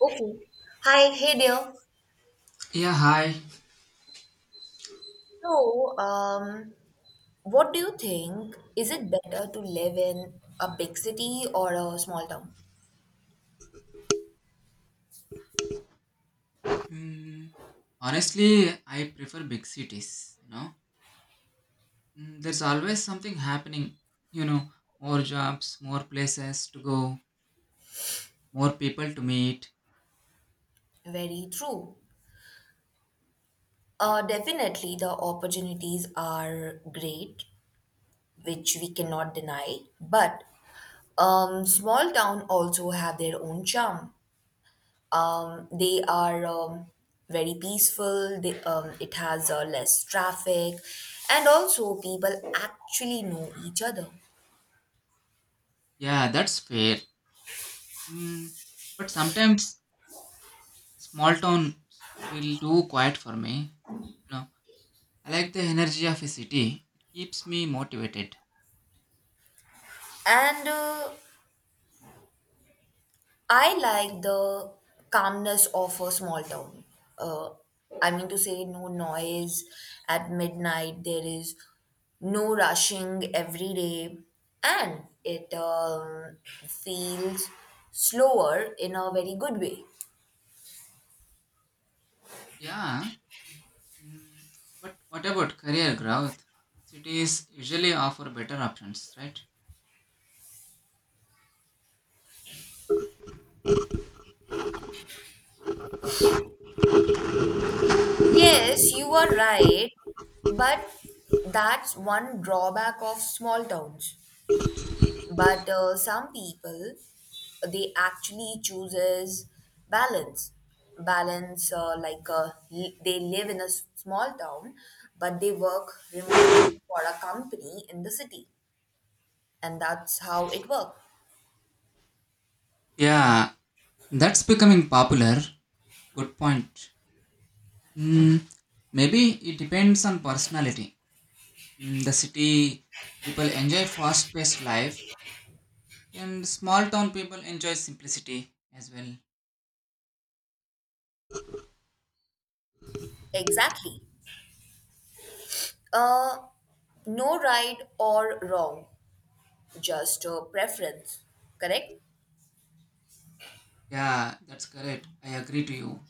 Okay. Hi, hey there. Yeah, hi. So, what do you think? Is it better to live in a big city or a small town? Mm, Honestly, I prefer big cities. There's always something happening. You know, more jobs, more places to go, more people to meet. Very true. Definitely, the opportunities are great, which we cannot deny. But small town also have their own charm. They are very peaceful. It has less traffic, and also people actually know each other. Yeah, that's fair. Mm, but sometimes small towns feel too quiet for me. You know, I like the energy of a city. It keeps me motivated. And I like the calmness of a small town. Uh, I mean to say, no noise at midnight, there is no rushing every day, and it feels slower in a very good way. Yeah. Mm, but what about career growth? Cities usually offer better options, right? Yes, you are right, but that's one drawback of small towns. But some people they actually chooses balance balance, they live in a small town but they work remotely for a company in the city and that's how it works Yeah, that's becoming popular. Good point. Mm, Maybe it depends on personality. The city people enjoy fast paced life, and small town people enjoy simplicity as well. exactly. uh, no right or wrong, just a preference, correct. Yeah, that's correct. I agree to you.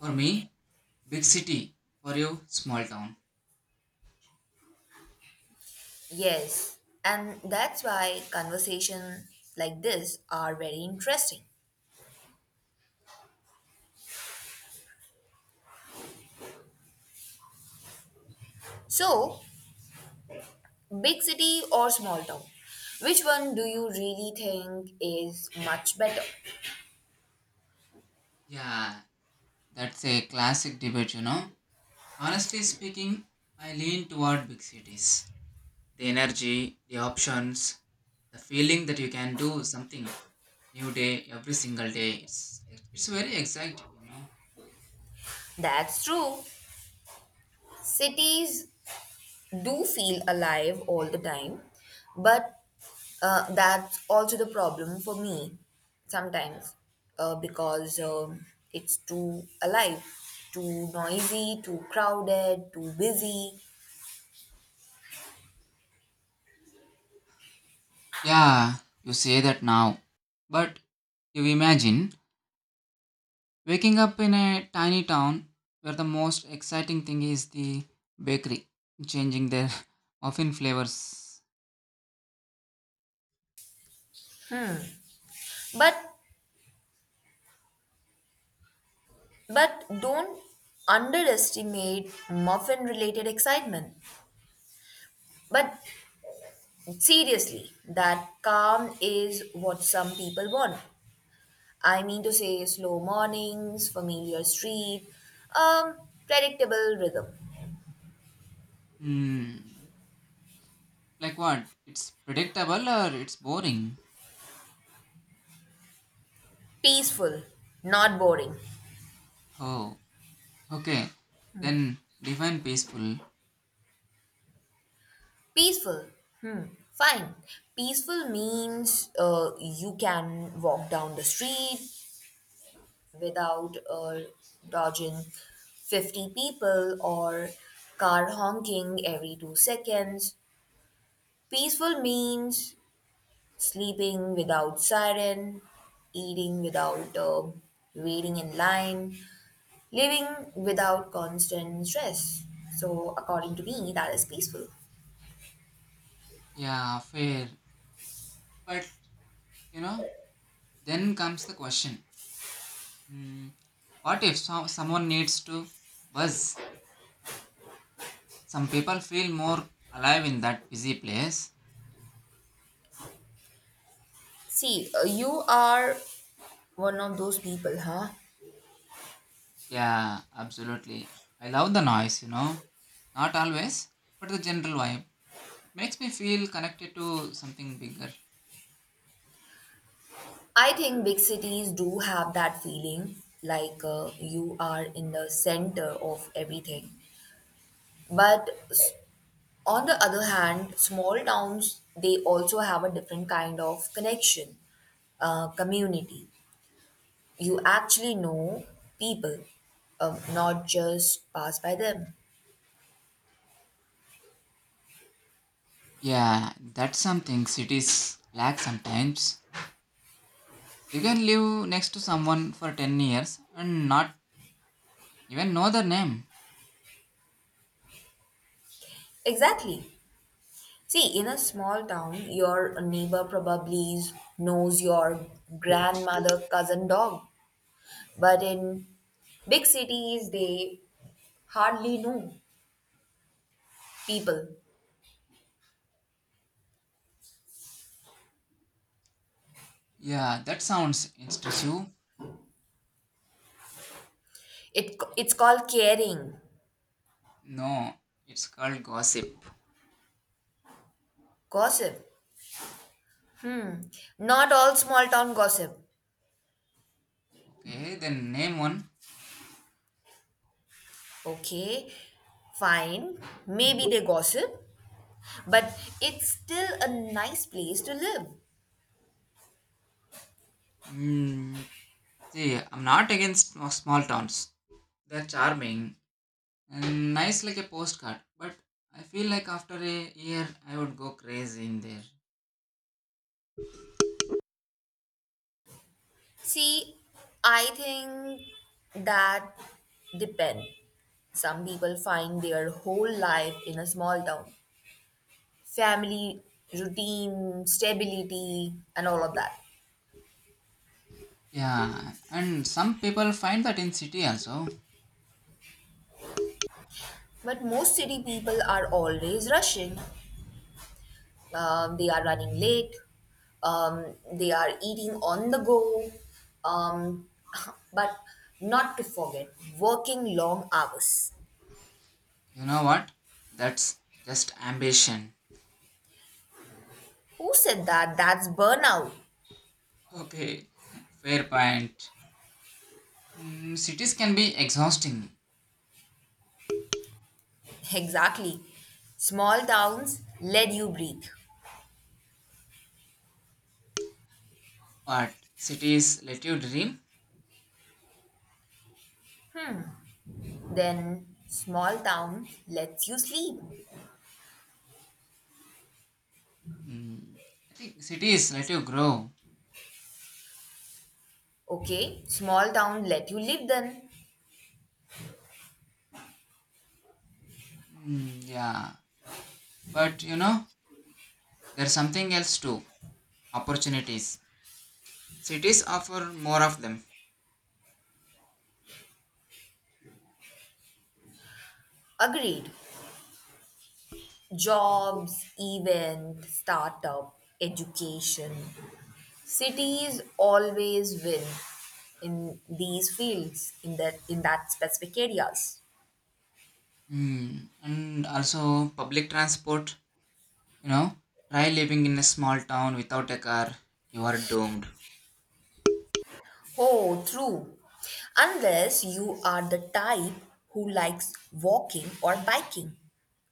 For me, big city. For you, small town. Yes, and that's why conversation like this are very interesting. So, big city or small town? Which one do you really think is much better? Yeah, that's a classic debate. Honestly speaking, I lean toward big cities. The energy, the options, the feeling that you can do something new day every single day it's very exciting. That's true. Cities do feel alive all the time, but that's also the problem for me sometimes, because it's too alive, too noisy, too crowded, too busy. Yeah, you say that now, but you imagine waking up in a tiny town where the most exciting thing is the bakery changing their muffin flavors. But but don't underestimate muffin related excitement. But seriously, that calm is what some people want. I mean to say, slow mornings, familiar street, um, predictable rhythm. hmm like what, it's predictable or it's boring? Peaceful, not boring. Oh, okay, then define peaceful. Peaceful, hmm, fine. Peaceful means you can walk down the street without dodging 50 people or car honking every 2 seconds. Peaceful means sleeping without siren, eating without waiting in line, living without constant stress. So, according to me, that is peaceful. Yeah, fair, but you know then comes the question. Hmm. What if someone needs to buzz? Some people feel more alive in that busy place. See, you are one of those people, huh? Yeah, absolutely. I love the noise. Not always, but the general vibe. It makes me feel connected to something bigger. I think big cities do have that feeling like you are in the center of everything. But on the other hand, small towns they also have a different kind of connection, community, you actually know people, not just pass by them. Yeah, that's something cities lack sometimes. You can live next to someone for 10 years and not even know their name. Exactly. See, in a small town, your neighbor probably knows your grandmother cousin dog, but in big cities, they hardly know people. Yeah, that sounds intrusive. It's called caring. No, it's called gossip. Gossip. Not all small town gossip. Okay, then name one. Okay, fine. Maybe they gossip, but it's still a nice place to live. Mm, See, I'm not against small towns. They're charming and nice like a postcard. But I feel like after a year, I would go crazy in there. See, I think that depend. Some people find their whole life in a small town, family, routine, stability, and all of that. Yeah, and some people find that in city also. But most city people are always rushing. They are running late. Um, they are eating on the go. Um, but not to forget working long hours. You know what? That's just ambition. Who said that? That's burnout. Okay, fair point. Cities can be exhausting, Exactly. Small towns let you breathe. but cities let you dream. Then small town lets you sleep. Mm, I think cities let you grow. Okay, small town let you live then. Mm, yeah, but there's something else too, opportunities. Cities offer more of them. Agreed. Jobs, event, startup, education. Cities always win in these fields, in that specific areas. Hmm. And also public transport, you know, try living in a small town without a car, you are doomed. Oh, true. Unless you are the type who likes walking or biking.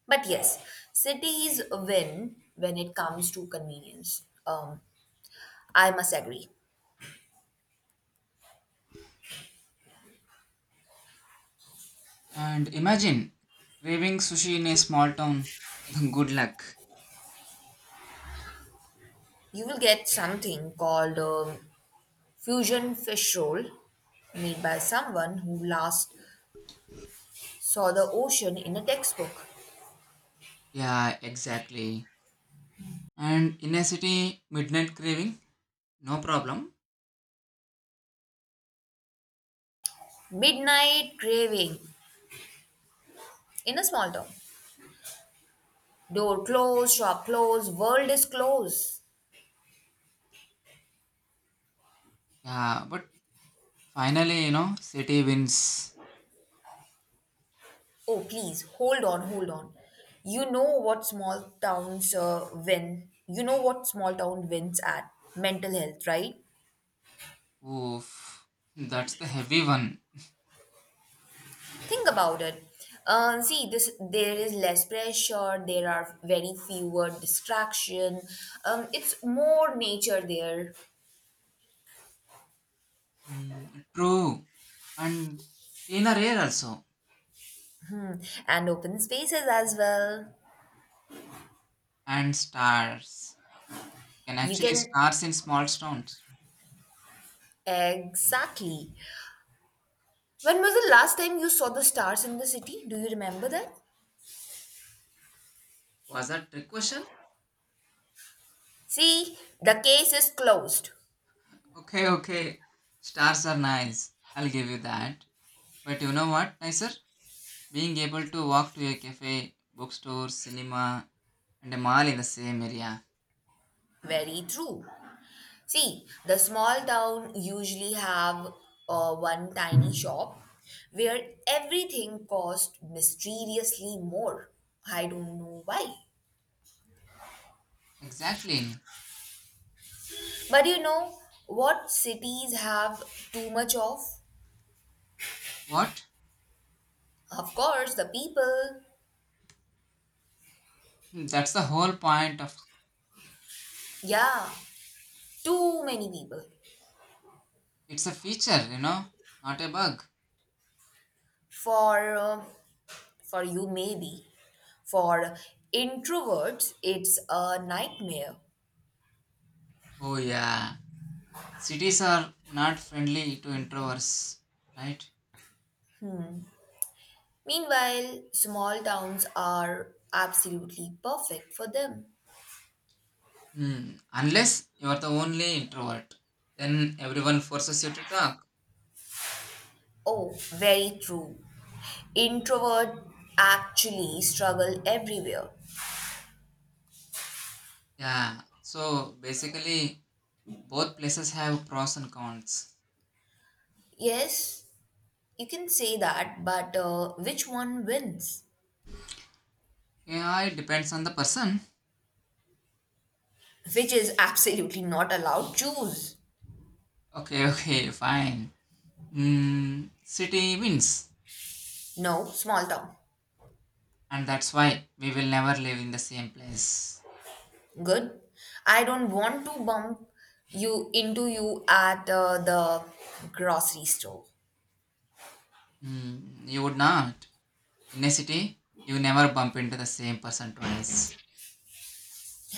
But yes, cities win when it comes to convenience. I must agree. And imagine craving sushi in a small town. Good luck. You will get something called fusion fish roll made by someone who last saw the ocean in a textbook. Yeah, exactly. And in a city, midnight craving, no problem. Midnight craving in a small town. Door closed, shop closed, world is closed. Yeah, but finally, city wins. Oh, please, hold on, hold on. You know what small towns win. You know what small town wins at mental health, right? Oof, that's the heavy one. Think about it. See, this there is less pressure. There are very fewer distraction. It's more nature there. Mm, true. And cleaner air also. Hmm. And open spaces as well. And stars. You can You actually can, stars in small stones. exactly. When was the last time you saw the stars in the city? Do you remember that? Was that trick question? See, the case is closed. Okay, okay. Stars are nice. I'll give you that. But you know what, nicer? Being able to walk to a cafe, bookstore, cinema, and a mall in the same area. Very true. See, the small town usually have one tiny shop where everything costs mysteriously more. I don't know why. Exactly. But you know what cities have too much of? What? Of course, the people. That's the whole point of Yeah, too many people. it's a feature, not a bug. For um for you maybe. For introverts, it's a nightmare. Oh yeah. Cities are not friendly to introverts, right? Meanwhile, small towns are absolutely perfect for them. Unless you are the only introvert, then everyone forces you to talk. Oh, very true. Introvert actually struggle everywhere. Yeah, so basically, both places have pros and cons. Yes, you can say that, but which one wins? Yeah, it depends on the person. Which is absolutely not allowed. Choose. Okay, okay, fine. City wins, No, small town. and that's why we will never live in the same place. Good. I don't want to bump you into you at the grocery store. You would not. In a city, you never bump into the same person twice.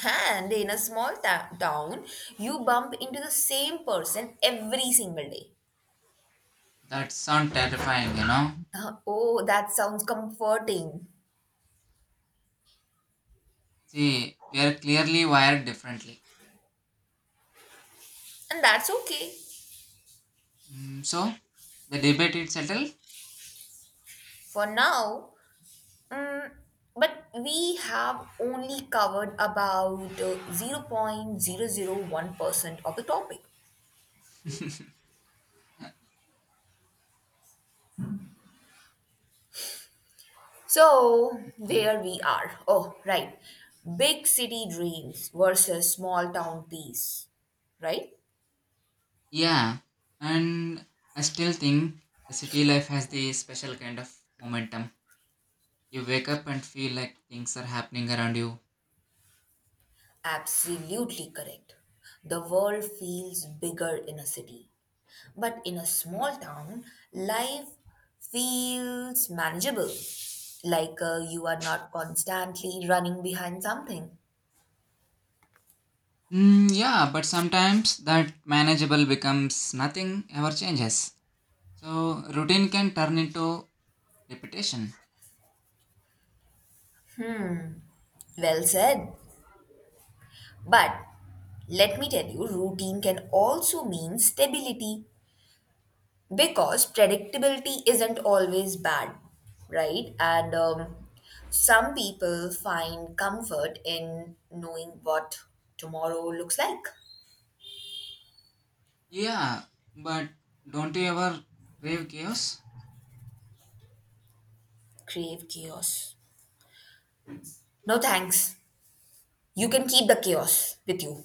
And in a small town, you bump into the same person every single day. That sounds terrifying. Oh, that sounds comforting. See, we are clearly wired differently. And that's okay So the debate is settled. for now. Mm, but we have only covered about 0.001% of the topic. So, Mm. there we are. Oh, right. Big city dreams versus small town peace, right? Yeah, and I still think the city life has the special kind of momentum. You wake up and feel like things are happening around you. Absolutely correct. The world feels bigger in a city, but in a small town, life feels manageable, like you are not constantly running behind something. Mm, yeah, but sometimes that manageable becomes nothing ever changes. So routine can turn into repetition. Well said. But let me tell you, routine can also mean stability. Because predictability isn't always bad, right? And some people find comfort in knowing what tomorrow looks like. Yeah, but don't you ever crave chaos? Crave chaos. No thanks. You can keep the chaos with you.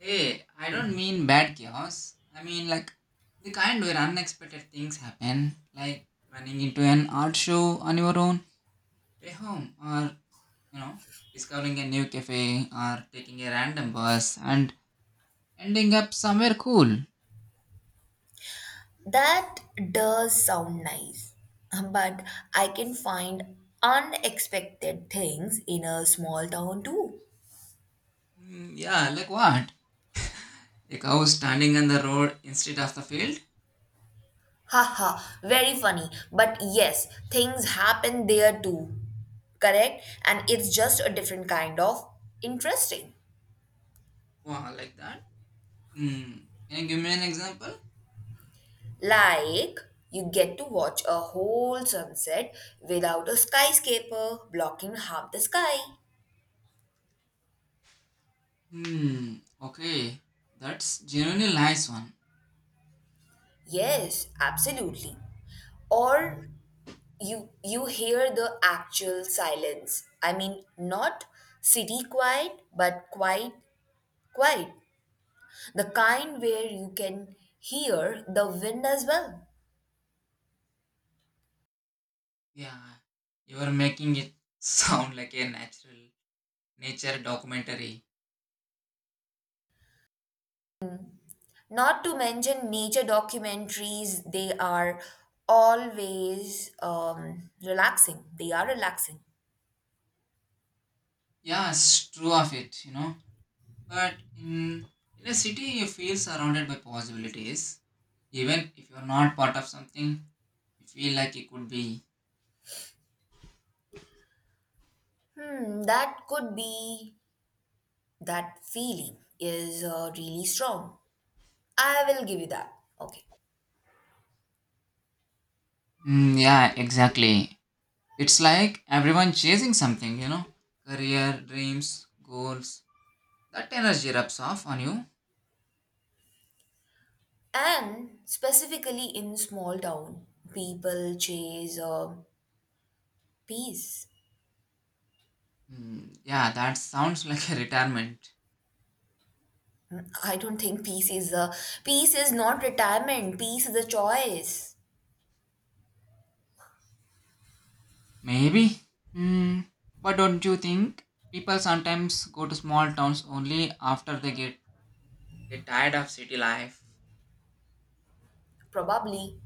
Hey, I don't mean bad chaos. I mean like the kind where unexpected things happen, like running into an art show on your own way home, or you know, discovering a new cafe, or taking a random bus and ending up somewhere cool. That does sound nice, but I can find unexpected things in a small town too. Mm, yeah, like what? A cow standing on the road instead of the field? Haha, very funny. But yes, things happen there too. Correct? And it's just a different kind of interesting. Wow, like that? Hmm. Can you give me an example? Like, you get to watch a whole sunset without a skyscraper blocking half the sky. Hmm. Okay, that's genuinely nice one. Yes, absolutely. Or you hear the actual silence. I mean, not city quiet, but quiet, the kind where you can hear the wind as well. Yeah, you are making it sound like a natural nature documentary. Not to mention nature documentaries, they are always relaxing. They are relaxing. Yeah, it's true of it. But in a city, you feel surrounded by possibilities. Even if you're not part of something, you feel like it could be. Hmm, that could be that feeling is really strong. I will give you that. Okay. Mm, yeah, exactly. It's like everyone chasing something, career, dreams, goals. That energy rubs off on you. And specifically in small town, people chase peace. Mm, yeah, that sounds like a retirement. I don't think peace is a peace is not retirement. Peace is a choice. Maybe. Hmm. But don't you think people sometimes go to small towns only after they get tired of city life? Probably.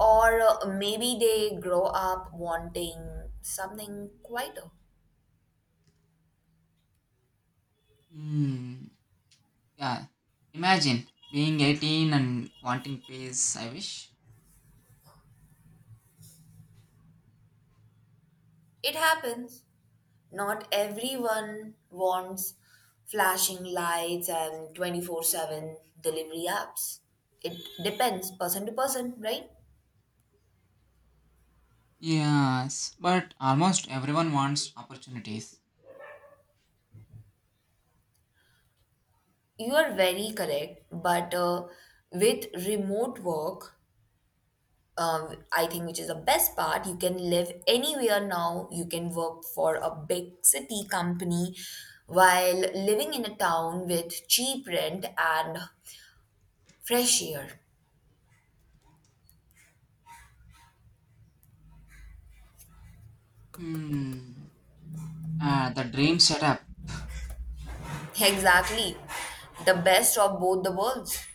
Or maybe they grow up wanting something quieter. Hmm. Yeah. Imagine being 18 and wanting peace, I wish. It happens. Not everyone wants flashing lights and 24/7 delivery apps. It depends person to person, right? Yes, but almost everyone wants opportunities. You are very correct, but with remote work, I think, which is the best part. You can live anywhere now. You can work for a big city company while living in a town with cheap rent and fresh air. Hmm. The dream setup. Exactly. The best of both the worlds.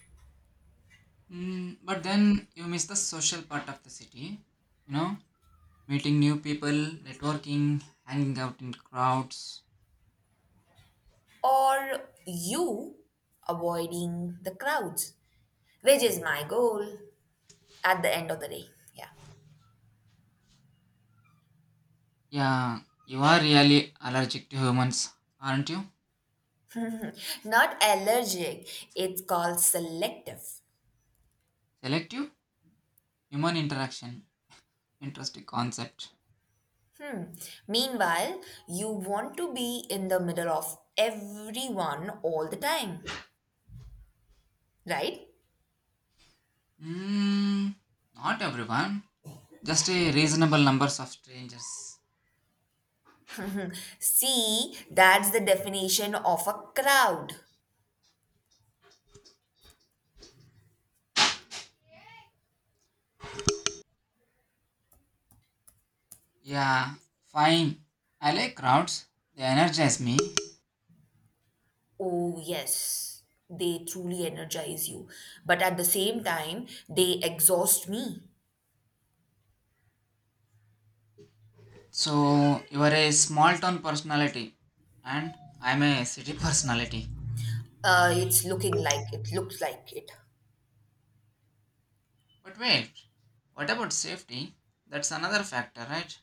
But then you miss the social part of the city. You know, meeting new people, networking, hanging out in crowds. Or you avoiding the crowds, which is my goal at the end of the day. Yeah. Yeah, you are really allergic to humans, aren't you? Not allergic, it's called selective. Selective human interaction. Interesting concept. Meanwhile, you want to be in the middle of everyone all the time, right? Hmm, not everyone. Just a reasonable numbers of strangers. See, that's the definition of a crowd. Yeah, fine. I like crowds. They energize me. Oh, yes, they truly energize you. But at the same time, they exhaust me. So you are a small town personality, and I'm a city personality. It looks like it. But wait, what about safety? That's another factor, right?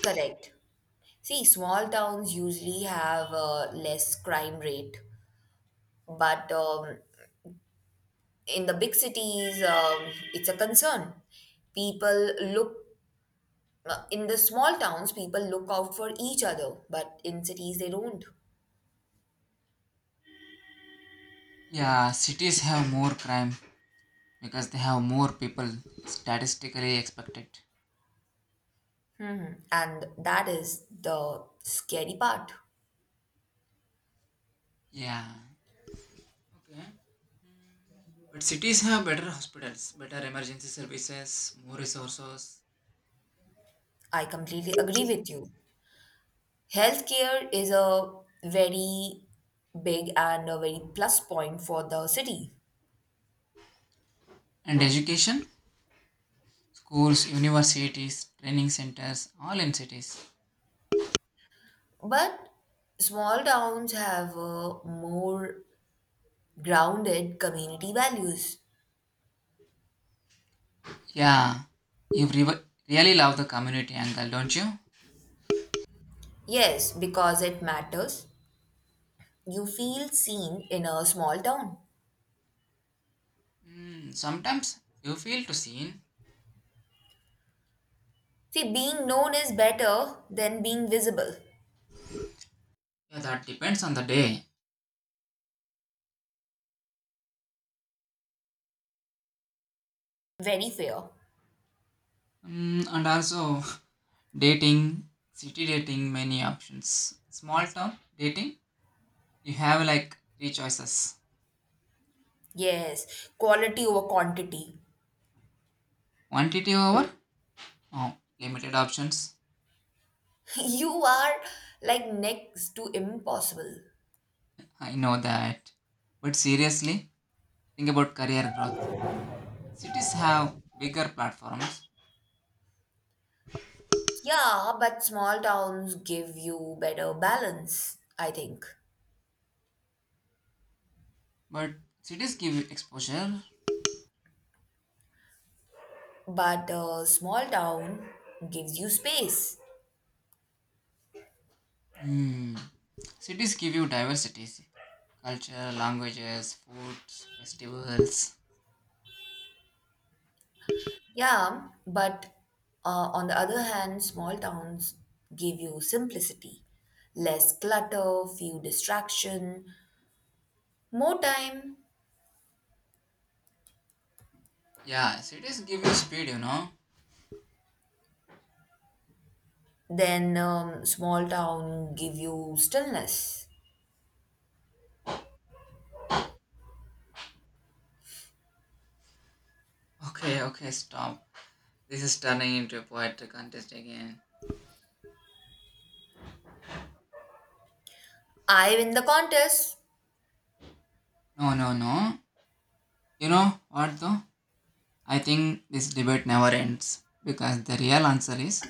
Correct. See, small towns usually have a less crime rate, but in the big cities, it's a concern. People look in the small towns, people look out for each other, but in cities, they don't. Yeah, cities have more crime because they have more people statistically expected. And that is the scary part. Yeah. Okay. Mm. But cities have better hospitals, better emergency services, more resources, I completely agree with you. Healthcare is a very big and a very plus point for the city. and education. Schools, universities, training centers, all in cities. But small towns have more grounded community values. Yeah. You really love the community angle, don't you? Yes, because it matters. You feel seen in a small town. Sometimes you feel too seen. See, being known is better than being visible. Yeah, that depends on the day. Very fair. And also, dating, city dating, many options. Small town dating, you have like three choices, Yes, quality over quantity. quantity over, oh, limited options. You are like next to impossible. I know that. But seriously, think about career growth. Cities have bigger platforms, Yeah, but small towns give you better balance, I think. but cities give you exposure. But a small town gives you space. Hmm. Cities give you diversity, culture, languages, foods, festivals. Yeah, but on the other hand, small towns give you simplicity, less clutter, few distraction, more time Yeah, cities give you speed. than small town give you stillness. Okay, okay, stop. This is turning into a poetry contest again. I win the contest. No, no, no. You know what though? I think this debate never ends because the real answer is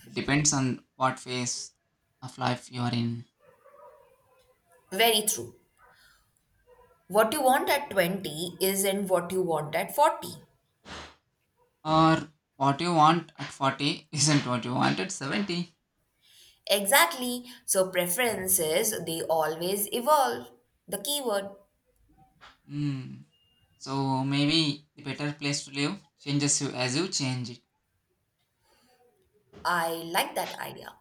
it depends on what phase of life you are in. Very true. What you want at 20 isn't what you want at 40. Or what you want at 40 isn't what you want at 70. Exactly. So preferences, they always evolve. The keyword. Hmm. So maybe the better place to live changes you as you change it. I like that idea.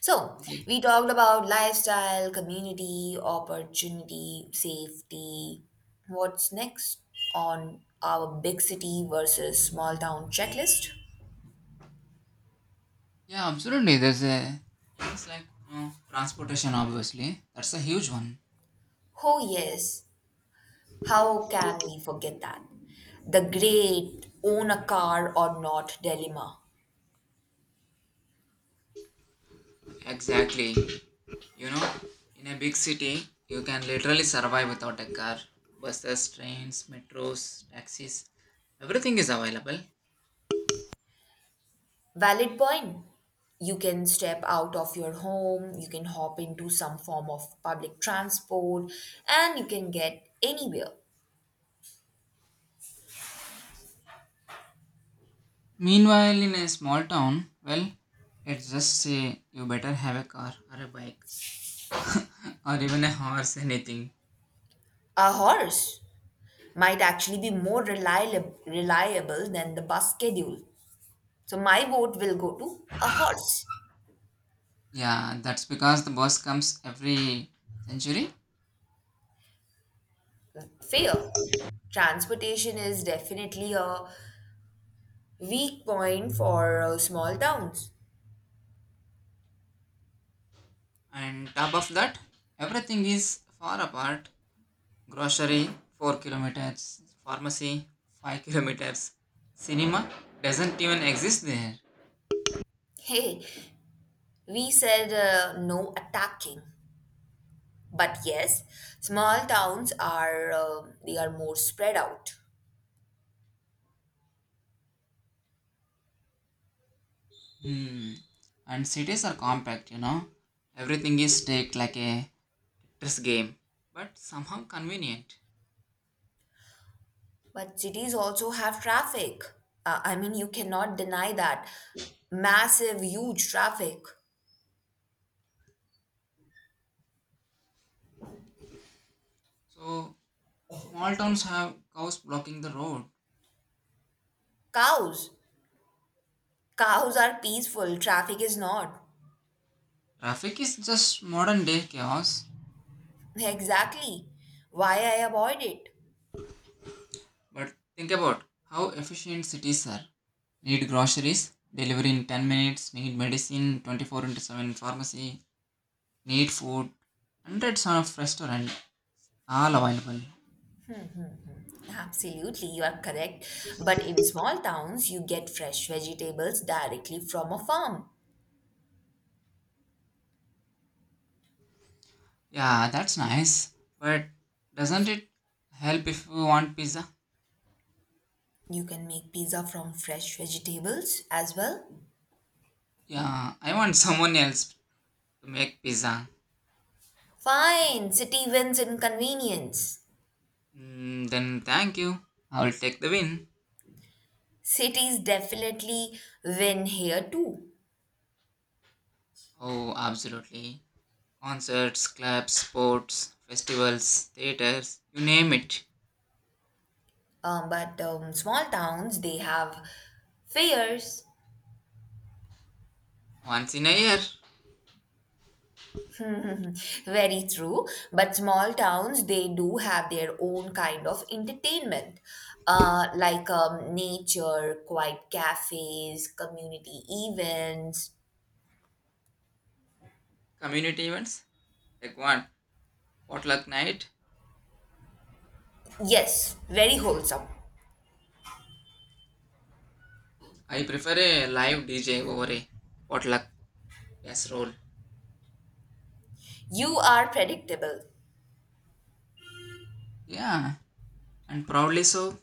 So, Okay. we talked about lifestyle, community, opportunity, safety. What's next on our big city versus small town checklist? Yeah, absolutely. There's a things like transportation, obviously. That's a huge one. Oh, yes, how can we forget that? The great own a car or not dilemma. Exactly. You know, in a big city, you can literally survive without a car. Buses, trains, metros, taxis, everything is available. Valid point. You can step out of your home, you can hop into some form of public transport, and you can get anywhere. Meanwhile, in a small town, well, it's just say you better have a car or a bike or even a horse, anything. A horse might actually be more reliable than the bus schedule. So my vote will go to a horse. Yeah, that's because the bus comes every century. Fair. Transportation is definitely a weak point for small towns. And top of that, everything is far apart. Grocery, 4 kilometers. Pharmacy, 5 kilometers. Cinema doesn't even exist there. Hey, we said no attacking, but yes, small towns are they are more spread out. hmm. And cities are compact, everything is staked like a chess game, but somehow convenient. But cities also have traffic. I mean, you cannot deny that massive, huge traffic. So small towns have cows blocking the road. Cows, Cows are peaceful, traffic is not. Traffic is just modern day chaos. Exactly. Why I avoid it? But think about how efficient cities are. Need groceries, delivery in 10 minutes. Need medicine, 24 into 7 pharmacy. Need food, hundreds of restaurant, all available. Absolutely, you are correct. But in small towns, you get fresh vegetables directly from a farm. Yeah, that's nice. But doesn't it help if you want pizza? You can make pizza from fresh vegetables as well. Yeah, I want someone else to make pizza. Fine, city wins in convenience. Then thank you. I will take the win. Cities definitely win here too. Oh, absolutely. Concerts, clubs, sports, festivals, theaters, you name it. But small towns, they have fairs, Once in a year. very true. But small towns, they do have their own kind of entertainment, like nature, quiet cafes, community events. Community events, like one potluck night. Yes, very wholesome. I prefer a live DJ over a potluck yes roll. You are predictable. Yeah, and proudly so.